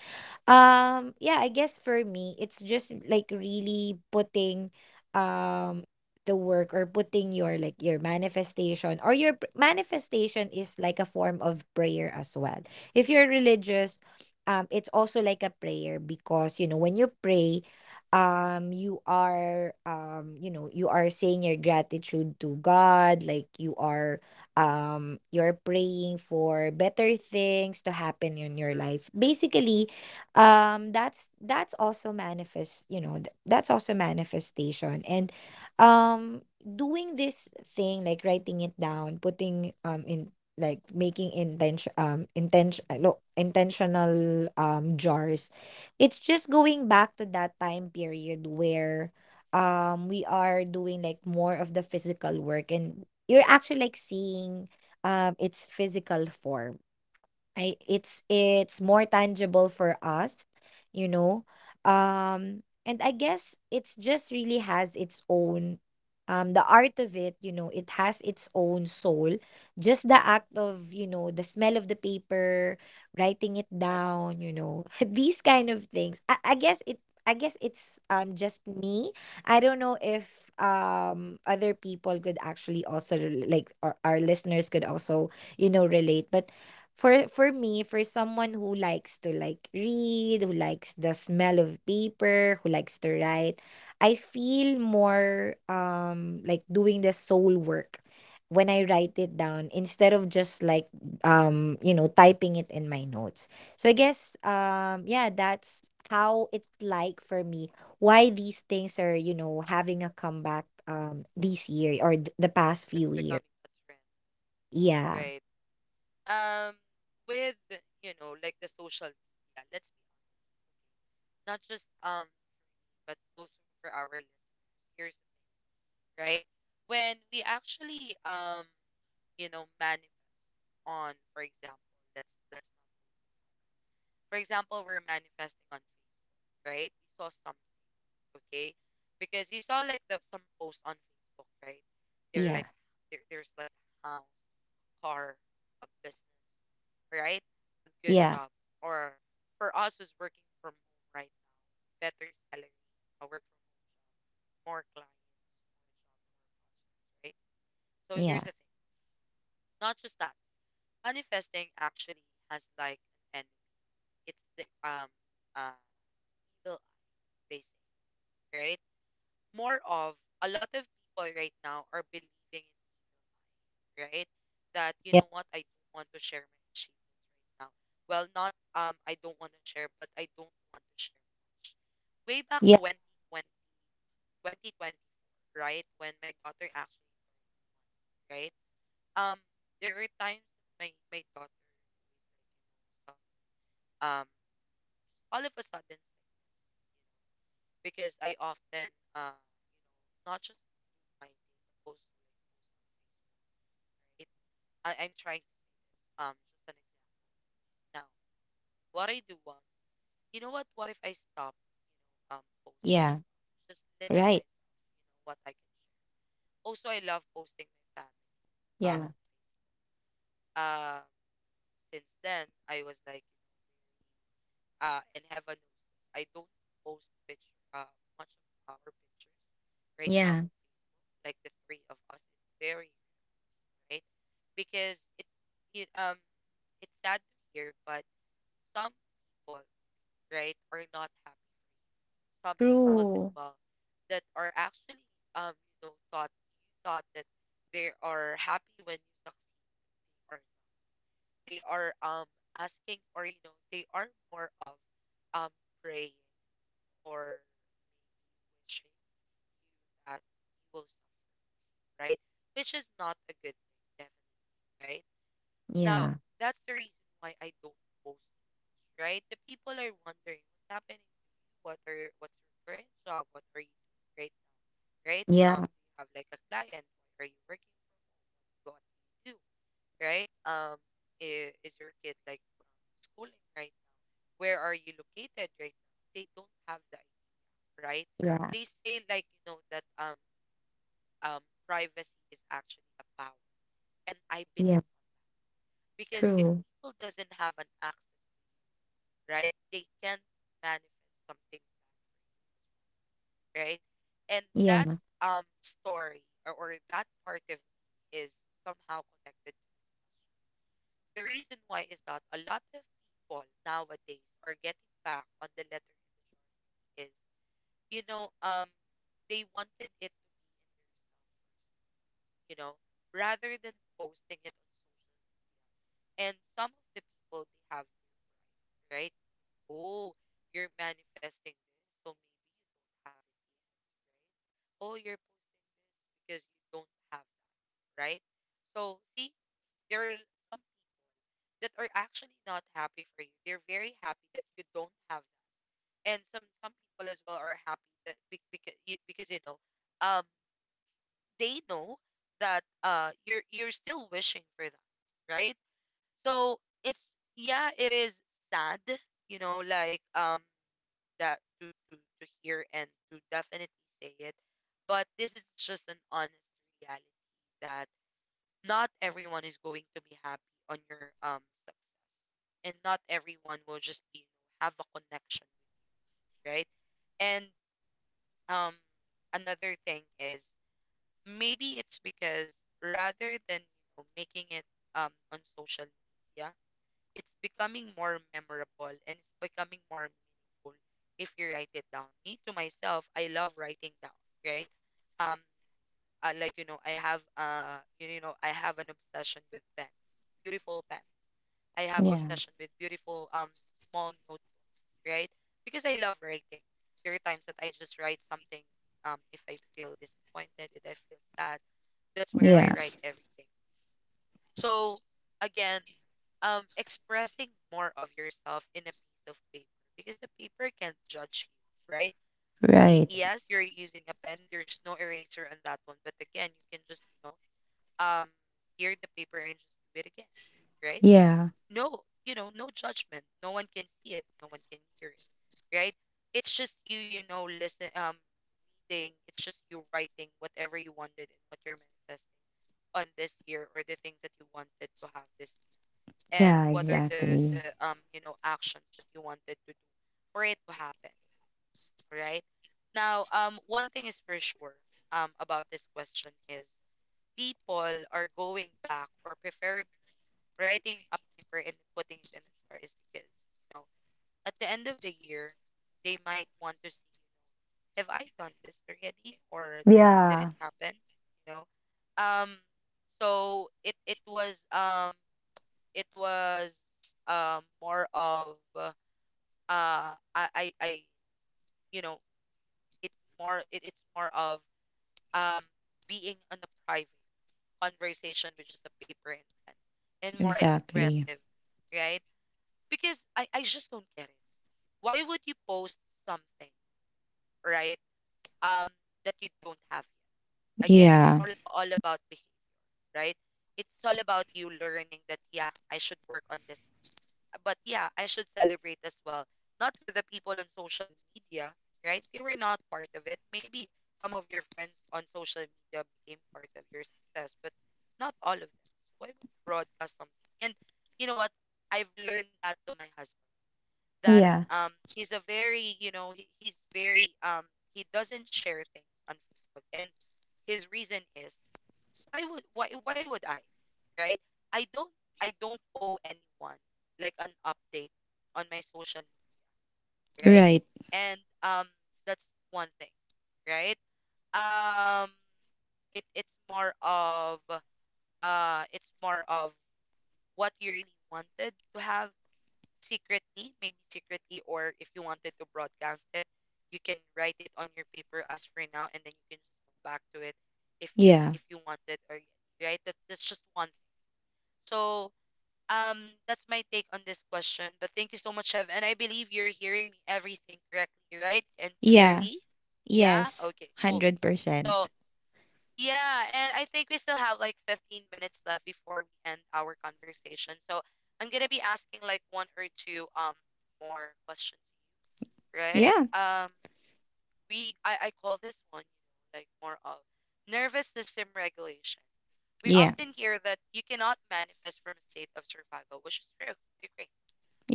Speaker 2: yeah, I guess for me it's just, like, really putting, um the work, or putting your, like, your manifestation, or your, manifestation, is, like, a form of prayer as well. If you're religious, it's also like a prayer, because you know, when you pray, you are, you know, you are saying your gratitude to God, like you are, you're praying for better things to happen in your
Speaker 1: true.
Speaker 2: life. Basically, that's also manifest. You know, that's also manifestation. And, doing this thing, like writing it down, putting, in, like, making intentional, jars, it's just going back to that time period where, we are doing, like, more of the physical work, and you're actually, like, seeing, its physical form. I it's more tangible for us, you know. And I guess it's just really has its own the art of it, you know. It has its own soul. Just the act of, you know, the smell of the paper, writing it down, you know, These kind of things. I guess it's just me. I don't know if other people could actually also like, or our listeners could also, you know, relate, but for me, for someone who likes to, like, read, who likes the smell of paper, who likes to write, I feel more, like, doing the soul work when I write it down instead of just, like, you know, typing it in my notes. So I guess, yeah, that's how it's like for me, why these things are, you know, having a comeback, this year or the past
Speaker 1: It's
Speaker 2: few years.
Speaker 1: becoming a trend,
Speaker 2: Yeah.
Speaker 1: right? Um, with you know, like the social media. Let's be honest, not just but also for our listeners. Here's the- right, when we actually, you know, manifest on, for example, let's not. For example, we're manifesting on Facebook, right? You saw something, okay? Because you saw like the some posts on Facebook, right? They're
Speaker 2: Yeah.
Speaker 1: like there's like house, car, a business, right? A good
Speaker 2: Yeah.
Speaker 1: job, or for us who's working from home right now, better salary, a work from home job, more clients, more job, more projects, right? So here's
Speaker 2: Yeah.
Speaker 1: the thing, not just that. Manifesting actually has like an enemy. It's the uh evil eye, they say, right? More of a lot of people right now are believing in, right, that you know what, I don't want to share my achievements right now. Well, not I don't want to share, but I don't want to share much. Way back
Speaker 2: Yeah.
Speaker 1: 2020, 2024, right when my daughter actually, right, um there were times that my daughter, some, um all of a sudden sick, because I often you know, not just my day but also like post on, right? I'm trying. Um, just an example. Now, what I do once, you know what? What if I stop, posting as
Speaker 2: Yeah,
Speaker 1: well? Just limit
Speaker 2: right.
Speaker 1: myself, you know, what I can share. Also, I love posting my family. Uh,
Speaker 2: Yeah,
Speaker 1: on, since then, I was like, and heaven knows this, I don't post picture, much of our pictures right now
Speaker 2: yeah,
Speaker 1: on Facebook. Like the three of us, it's very, right, because it, you, um, it's sad to hear, but some people, right, are not happy. Some people as
Speaker 2: true.
Speaker 1: well that are actually, um you know, thought, you thought that they are happy when you succeed or not. They are asking, or you know, they are more of um praying or wishing you that you will suffer, right, which is not a good thing, definitely, right. Now
Speaker 2: Yeah,
Speaker 1: that's the reason why I don't post too much, right? The people are wondering what's happening to you, what are what's your current job, what are you doing, right, right?
Speaker 2: yeah,
Speaker 1: Do you have like a client? Why are you working? What do you do? Right? Is your kid like, schooling right now? Where are you located right now? They don't have that, right?
Speaker 2: yeah,
Speaker 1: They say like, you know, that um privacy is actually a power, and I believe,
Speaker 2: yeah,
Speaker 1: because if
Speaker 2: true.
Speaker 1: people doesn't have an access, right, they can manifest something, right? And that
Speaker 2: Yeah.
Speaker 1: story, or that part of me is somehow connected. The reason why is that a lot of people nowadays are getting back on the letter is, you know, they wanted it to be in their self, you know, rather than posting it on social. And some of the people they have, right? Oh, you're manifesting this, so maybe you don't have it, right? Oh, you're posting this because you don't have that, right? So see, there are some people that are actually not happy for you. They're very happy that you don't have. And some people as well are happy that, because you know, um they know that you're still wishing for them, right? So it's, yeah, it is sad, you know, like, that to hear and to definitely say it, but this is just an honest reality that not everyone is going to be happy on your success, and not everyone will just be, you know, have a connection, right. And um another thing is, maybe it's because rather than you know making it on social media, it's becoming more memorable and it's becoming more meaningful if you write it down. Me to myself, I love writing down, right. um like you know, I have, you know, I have an obsession with pens, beautiful pens. I have
Speaker 2: Yeah.
Speaker 1: obsession with beautiful, small, right? Because I love writing. There are times that I just write something. If I feel disappointed, if I feel sad, that's where I
Speaker 2: Yeah.
Speaker 1: write everything. So again, expressing more of yourself in a piece of paper, because the paper can't judge you, right?
Speaker 2: Right.
Speaker 1: Yes, you're using a pen. There's no eraser on that one, but again, you can just you know um tear the paper and just do it again, right?
Speaker 2: Yeah.
Speaker 1: No, you know, no judgment, no one can see it, no one can hear it, right? It's just you, you know, listen, reading, it's just you writing whatever you wanted and what you're manifesting on this year, or the things that you wanted to have this year, and
Speaker 2: Yeah,
Speaker 1: what are the
Speaker 2: exactly.
Speaker 1: you know, actions that you wanted to do for it to happen, right? Now one thing is for sure, about this question is, people are going back, or preferably writing a paper and putting it in a jar, is because, you know, at the end of the year, they might want to see, have I done this already? Or does, did it
Speaker 2: Yeah,
Speaker 1: happen? You know, um so it was more of, I, you know, it it's more of um being on a private conversation with just a paper and pen, and more
Speaker 2: exactly.
Speaker 1: expressive, right? Because I just don't get it, why would you post something, right, um that you don't have yet. Again, it's
Speaker 2: Yeah.
Speaker 1: all about behavior, right? It's all about you learning that, yeah, I should work on this one. But yeah, I should celebrate as well. Not with the people on social media, right? They were not part of it. Maybe some of your friends on social media became part of your success, but not all of them. So why would you broadcast something? And you know what? I've learned that to my husband that
Speaker 2: Yeah.
Speaker 1: he's a very you know, he's very he doesn't share things on Facebook, and his reason is, why would, why would I, right? I don't, I don't owe anyone like an update on my social media, right.
Speaker 2: Right.
Speaker 1: And that's one thing, right. um it's more of, it's more of what you really wanted to have secretly, maybe secretly, or if you wanted to broadcast it, you can write it on your paper as for now, and then you can just go back to it if
Speaker 2: Yeah.
Speaker 1: you wanted, or right. That, that's just one thing. So um, that's my take on this question. But thank you so much, Chev, and I believe you're hearing me everything correctly, right, and
Speaker 2: Yeah.
Speaker 1: clearly. Yeah.
Speaker 2: Yes.
Speaker 1: Okay. Cool. So
Speaker 2: 100%.
Speaker 1: yeah, and I think we still have like 15 minutes left before we end our conversation. So I'm gonna be asking like one or two more questions to you, right?
Speaker 2: Yeah.
Speaker 1: We I call this one, you know, like more of nervous system regulation. We
Speaker 2: Yeah.
Speaker 1: often hear that you cannot manifest from a state of survival, which is true. I agree.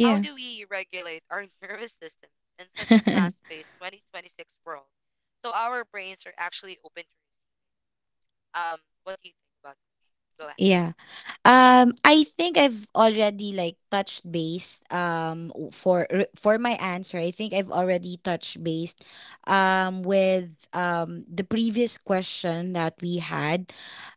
Speaker 1: How do we regulate our nervous systems in such a fast-paced 2026 world? So our brains are actually open to, what do you think about this? Go ahead.
Speaker 2: Yeah. I think I've already, like, touched base w- for r- for my answer. I think I've already touched base with the previous question that we had,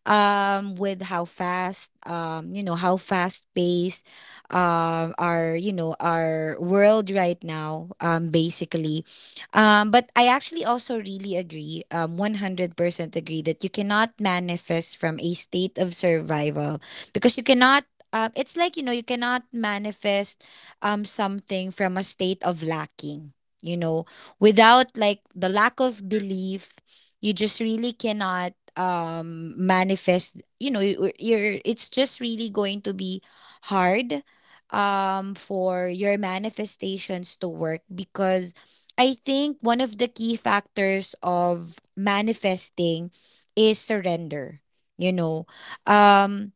Speaker 2: with how fast, you know, how fast paced our, you know, our world right now, basically. But I actually also really agree, 100% agree, that you cannot manifest from a state of survival because you cannot, it's like, you know, you cannot manifest something from a state of lacking, you know, without, like, the lack of
Speaker 1: True,
Speaker 2: belief. You just really cannot manifest, you know. You're it's just really going to be hard for your manifestations to work, because I think one of the key factors of manifesting is surrender, you know. um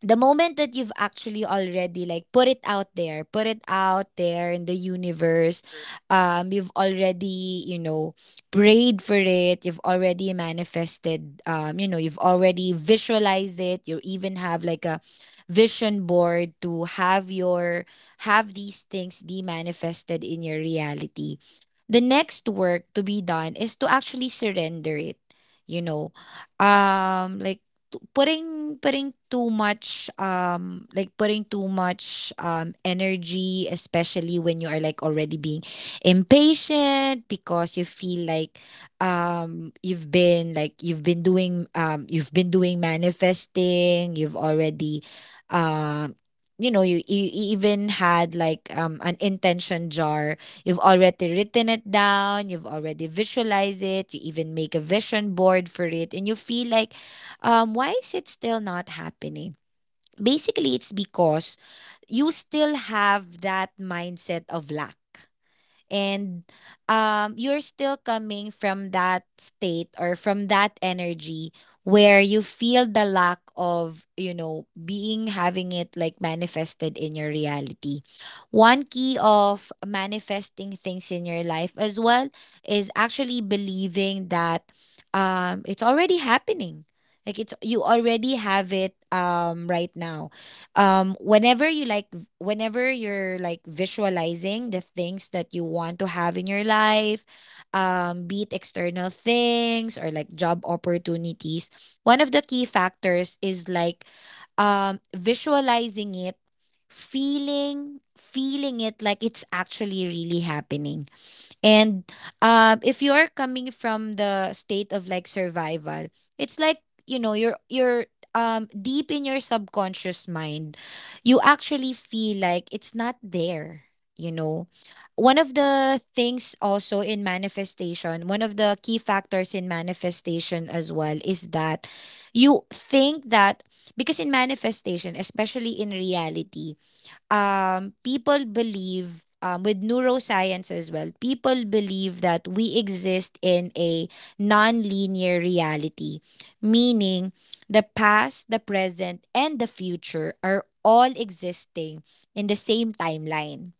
Speaker 2: the moment that you've actually already, like, put it out there, put it out there in the universe,
Speaker 1: true,
Speaker 2: you've already, you know, prayed for it, you've already manifested, you know, you've already visualized it, you even have, like, a vision board to have these things be manifested in your reality, the next work to be done is to actually surrender it, you know. Like, putting too much like putting too much energy, especially when you are, like, already being impatient because you feel like, you've been like you've been doing manifesting, you've already, um you know, you even had, like, an intention jar, you've already written it down, you've already visualized it, you even make a vision board for it, and you feel like, why is it still not happening? Basically, it's because you still have that mindset of lack, and you're still coming from that state or from that energy where you feel the lack of, you know, being having it, like, manifested in your reality. One key of manifesting things in your life as well is actually believing that, it's already happening, like it's, you already have it, right now. Whenever you like whenever you're, like, visualizing the things that you want to have in your life, be it external things or, like, job opportunities, one of the key factors is, like, visualizing it, feeling it like it's actually really happening. And if you are coming from the state of, like, survival, it's like, you know, you're deep in your subconscious mind, you actually feel like it's not there. You know, one of the things also in manifestation, one of the key factors in manifestation as well, is that you think that, because in manifestation, especially in reality, people believe, with neuroscience as well, people believe that we exist in a non-linear reality, meaning the past, the present, and the future are all existing in the same timeline.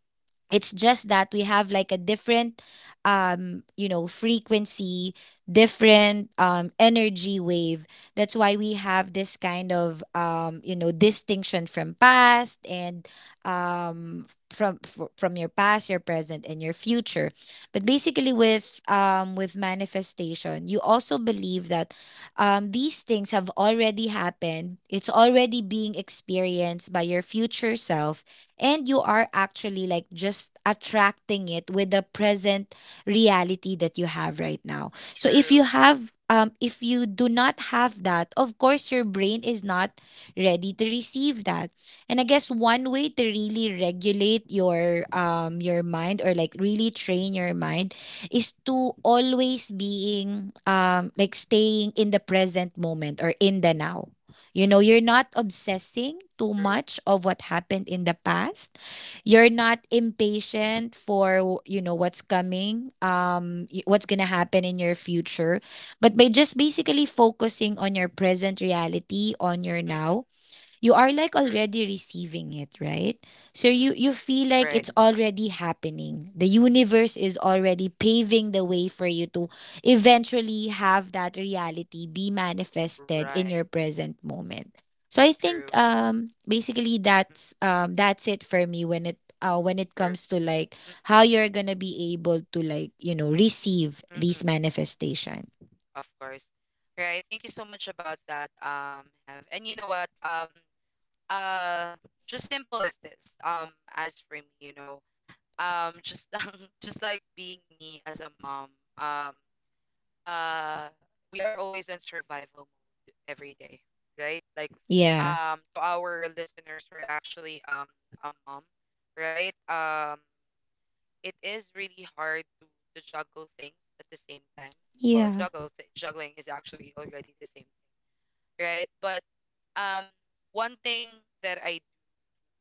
Speaker 2: It's just that we have, like, a different, you know, frequency, different energy wave. That's why we have this kind of, you know, distinction from past and from your past, your present, and your future. But basically, with manifestation, you also believe that, these things have already happened. It's already being experienced by your future self, and you are actually, like, just attracting it with the present reality that you have right now. So if you
Speaker 1: true.
Speaker 2: have if you do not have that, of course, your brain is not ready to receive that. And I guess one way to really regulate your mind, or, like, really train your mind, is to always being, like, staying in the present moment or in the now. You know, you're
Speaker 1: Mm-mm,
Speaker 2: not obsessing too
Speaker 1: true.
Speaker 2: much of what happened in the past. You're not impatient for, you know, what's coming, what's going to happen in your future. But by just basically focusing on your present reality, on your
Speaker 1: Mm-mm,
Speaker 2: now, you are, like,
Speaker 1: true, true.
Speaker 2: already receiving it, right? So
Speaker 1: Mm.
Speaker 2: you feel like
Speaker 1: Right,
Speaker 2: it's already happening. The universe is already paving the way for you to eventually have that reality be manifested in
Speaker 1: right.
Speaker 2: your present moment. So I
Speaker 1: True.
Speaker 2: think basically
Speaker 1: Mm-mm,
Speaker 2: that's it for me when it
Speaker 1: true.
Speaker 2: comes to like
Speaker 1: Mm-mm,
Speaker 2: how you're gonna be able to, like, you know, receive these
Speaker 1: mm-mm.
Speaker 2: manifestations.
Speaker 1: Of course. Right. Thank you so much about that, Have. And you know what? Uh, just simple as this. As for me, you know, just just like being me as a mom. Uh we are always in survival mode every day, right, like,
Speaker 2: Yeah.
Speaker 1: to our listeners who are actually a mom, right. It is really hard to juggle things at the same time. Well,
Speaker 2: Yeah.
Speaker 1: juggling is actually already the same thing, right? But um one thing that I do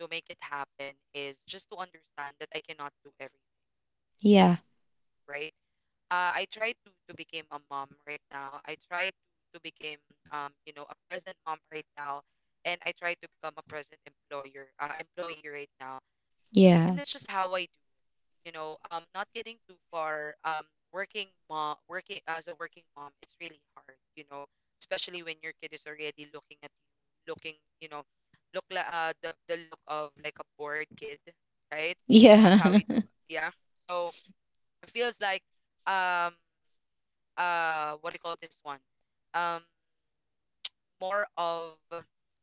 Speaker 1: to make it happen is just to understand that I cannot do everything,
Speaker 2: Yeah.
Speaker 1: right. I try to become a mom right now. I try to become, you know, a present mom right now, and I try to become a present employer, employee right now. And
Speaker 2: Yeah.
Speaker 1: that's just how I do. You know, not getting too far. Working mom, working as a working mom, it's really hard. You know, especially when your kid is already looking at you, looking you know, look like, the look of like a bored kid, right? That's
Speaker 2: Yeah.
Speaker 1: how you do it. Yeah. So it feels like, um what do you call this one, um more of,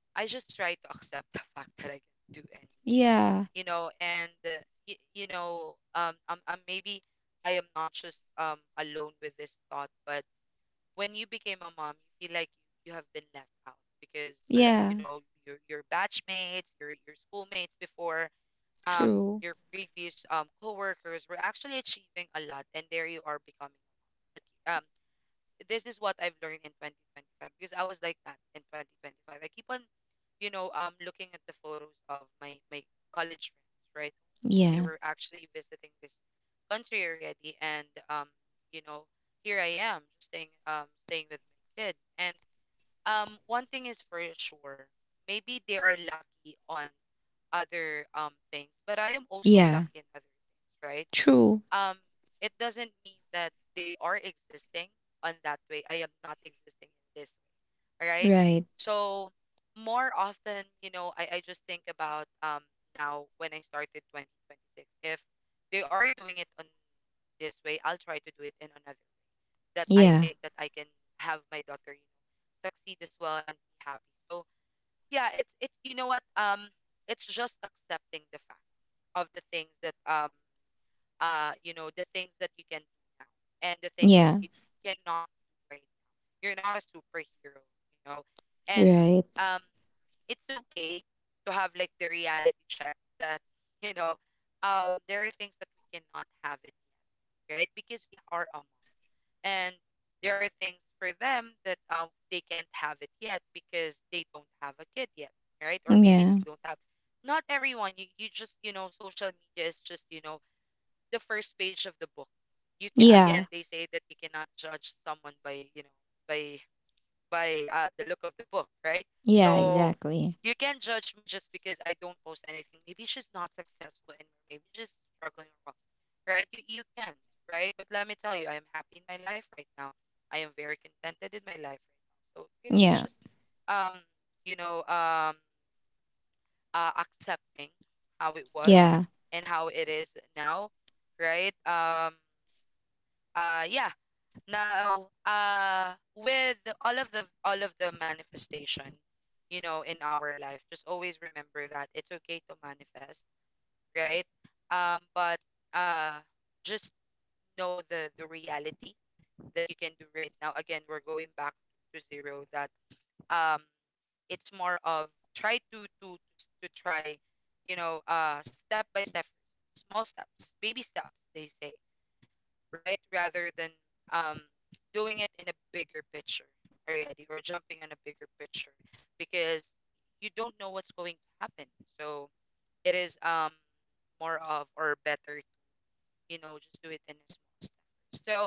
Speaker 1: I just try to accept the fact that I can do any,
Speaker 2: Yeah.
Speaker 1: you know, and you know, I'm maybe, I am not just alone with this thought, but when you became a mom, you feel like you have been left out, because you
Speaker 2: Yeah.
Speaker 1: know, your batchmates, your schoolmates before, um
Speaker 2: True.
Speaker 1: your previous coworkers were actually achieving a lot, and there you are becoming. But this is what I've learned in 2025, because I was like that in 2025. I keep on, you know, looking at the photos of my my college friends, right? They
Speaker 2: Yeah.
Speaker 1: were actually visiting this country already, and you know, here I am, just staying, staying with my kid. And one thing is for sure, maybe they are lucky on other things, but I am also
Speaker 2: Yeah.
Speaker 1: lucky in other things, right?
Speaker 2: True.
Speaker 1: um it doesn't mean that they are existing on that way, I am not existing in this way. All right,
Speaker 2: Right.
Speaker 1: so more often, I just think about now when I started 2026, if they are doing it on this way, I'll try to do it in another way that I
Speaker 2: Yeah.
Speaker 1: think that I can have my daughter, you know, succeed as well and be happy. So yeah, it's you know what, it's just accepting the fact of the things that you know, the things that you can do now and the things
Speaker 2: Yeah.
Speaker 1: that you cannot do, right? You're not a superhero, you know. And
Speaker 2: Right.
Speaker 1: um it's okay to have like the reality check that you know, there are things that we cannot have it, right? Because we are a mom. And there are things for them that they can't have it yet because they don't have a kid yet, right? Or maybe
Speaker 2: Yeah.
Speaker 1: they don't have. Not everyone, you just, you know, social media is just, you know, the first page of the book. You can, again,
Speaker 2: Yeah.
Speaker 1: they say that you cannot judge someone by, you know, by by the look of the book, right?
Speaker 2: Yeah,
Speaker 1: So
Speaker 2: exactly.
Speaker 1: you can't judge me just because I don't post anything. Maybe she's not successful and maybe she's struggling, or what, right? You can't, right? But let me tell you, I am happy in my life right now. I am very contented in my life right now. So really, it's
Speaker 2: Yeah.
Speaker 1: just um you know, accepting how it was
Speaker 2: Yeah.
Speaker 1: and how it is now, right? Yeah, now with all of the manifestation, you know, in our life, just always remember that it's okay to manifest, right? But uh just know the reality that you can do right now. Again, we're going back to zero. That um it's more of, try to try, you know, step by step, small steps, baby steps, they say, right? Rather than, um, doing it in a bigger picture already, or jumping on a bigger picture, because you don't know what's going to happen. So it is, more of, or better, you know, just do it in a small step. So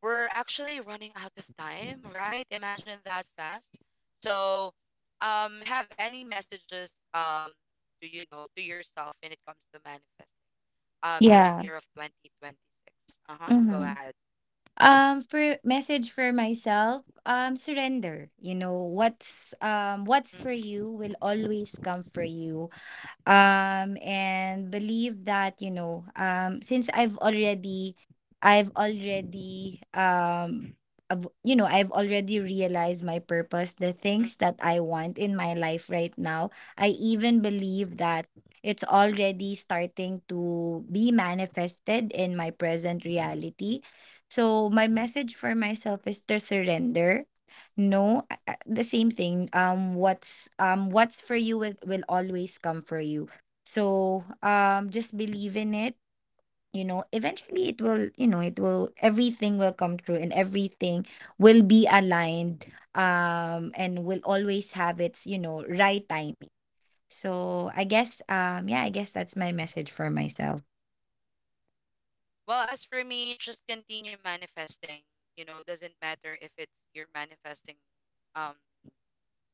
Speaker 1: we're actually running out of time, right? Imagine that fast. So have any messages, to, you know, to yourself when it comes to manifesting this
Speaker 2: Yeah,
Speaker 1: year of 2026? Uh-huh. Go
Speaker 2: mhm.
Speaker 1: ahead.
Speaker 2: For message for myself, surrender. You know, what's
Speaker 1: Mm,
Speaker 2: for you will always come for you, and believe that, you know, since I've already you know, I've already realized my purpose, the
Speaker 1: mm.
Speaker 2: things that I want in my life right now. I even believe that it's already starting to be manifested in my present reality. So my message for myself is to surrender. No, the same thing, what's for you will always come for you, so just believe in it, you know. Eventually it will, you know, it will, everything will come true and everything will be aligned, and will always have its, you know, right timing. So I guess, yeah, I guess that's my message for myself.
Speaker 1: Well, as for me, just continue manifesting. You know, doesn't matter if it's you're manifesting um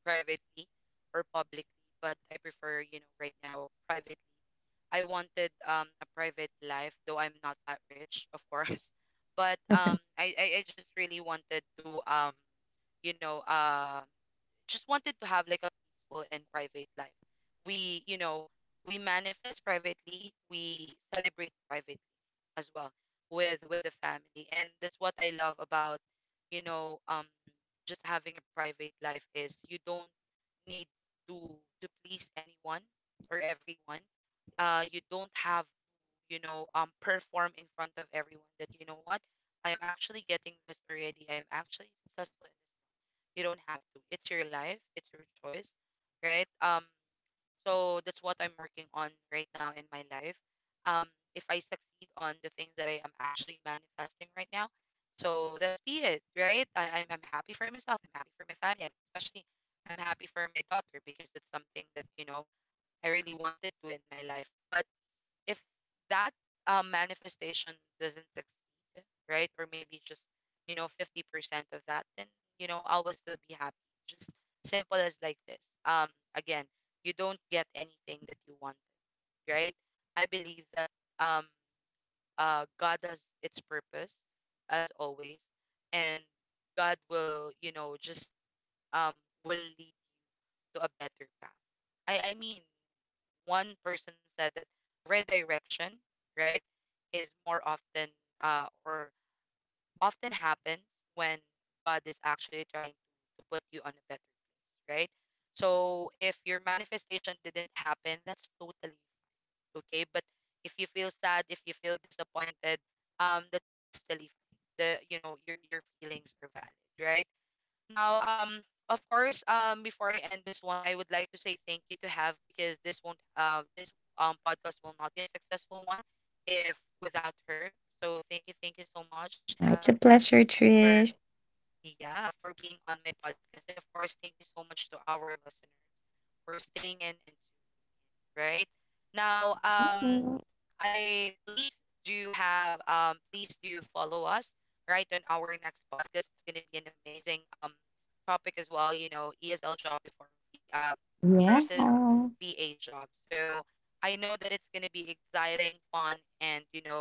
Speaker 1: privately or publicly, but I prefer, you know, right now privately. I wanted a private life, though I'm not that rich, of course. But I just really wanted to you know, just wanted to have like a peaceful and private life. We, you know, we manifest privately, we celebrate privately, as well, with the family. And that's what I love about, you know, just having a private life is you don't need to to please anyone or everyone. You don't have, you know, perform in front of everyone that, you know what, I am actually getting this already, I am actually successful in this. You don't have to. It's your life, it's your choice, right? So that's what I'm working on right now in my life. Um, if I succeed on the things that I am actually manifesting right now, so that's be it, right? I'm happy for myself. I'm happy for my family. I'm, especially, I'm happy for my daughter because that's something that, you know, I really wanted to in my life. But if that manifestation doesn't succeed, right, or maybe just, you know, 50% of that, then, you know, I will still be happy. Just simple as like this. Um, again, you don't get anything that you want, right? I believe that um, God has its purpose, as always, and God will, you know, just um will lead to a better path. I mean, one person said that redirection, right, is more often or often happens when God is actually trying to put you on a better place, right? So if your manifestation didn't happen, that's totally okay. But if you feel sad, if you feel disappointed, that's totally fine. The You know, your feelings are valid, right? Now, of course, before I end this one, I would like to say thank you to Have, because this podcast will not be a successful one if without her. So thank you so much,
Speaker 2: It's a
Speaker 1: Have,
Speaker 2: pleasure, Trish.
Speaker 1: for, yeah, for being on my podcast. And of course, thank you so much to our listeners for staying in and, right? Now,
Speaker 2: Mhm.
Speaker 1: I please do have, please do follow us, right, on our next podcast. It's going to be an amazing topic as well. You know, ESL job before uh
Speaker 2: Yeah.
Speaker 1: versus VA job. So I know that it's going to be exciting, fun, and, you know,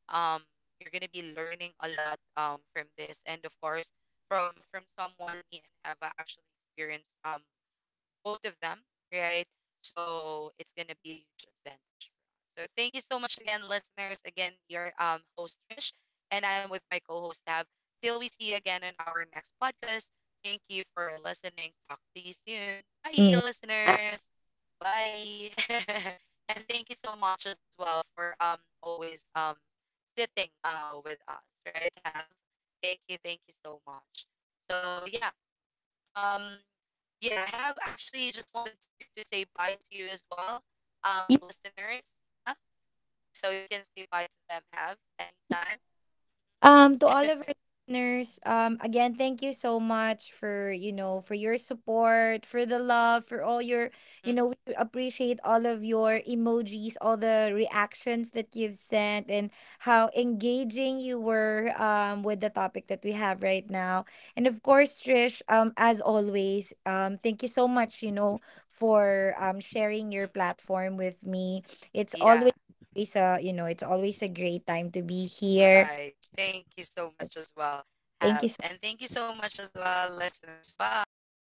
Speaker 1: um, you're going to be learning a lot from this, and of course, from someone, me and Heva actually experienced both of them, right? So it's gonna be a huge advantage for us. So thank you so much again, listeners. Again, your host Trish, and I'm with my co-host Tav. Till we see you again on our next podcast. Thank you for listening. Talk to you soon. Bye,
Speaker 2: Yeah.
Speaker 1: listeners. Bye. And thank you so much as well for always sitting with us, right? Have, thank you so much. So yeah. Um, yeah, I have actually just wanted to say bye to you as well, listeners. Yeah, so you can say bye to them. Have, anytime.
Speaker 2: To all of our listeners, again, thank you so much for, you know, for your support, for the love, for all your,
Speaker 1: Mm-mm-mm.
Speaker 2: you know, we appreciate all of your emojis, all the reactions that you've sent, and how engaging you were, with the topic that we have right now. And of course, Trish, as always, thank you so much, you know, for, sharing your platform with me. It's
Speaker 1: Yeah,
Speaker 2: always, always a, you know, it's always a great time to be here.
Speaker 1: right. Thank you so much as well. Have,
Speaker 2: Thank you
Speaker 1: and
Speaker 2: so
Speaker 1: thank you so much as well, listeners. Bye.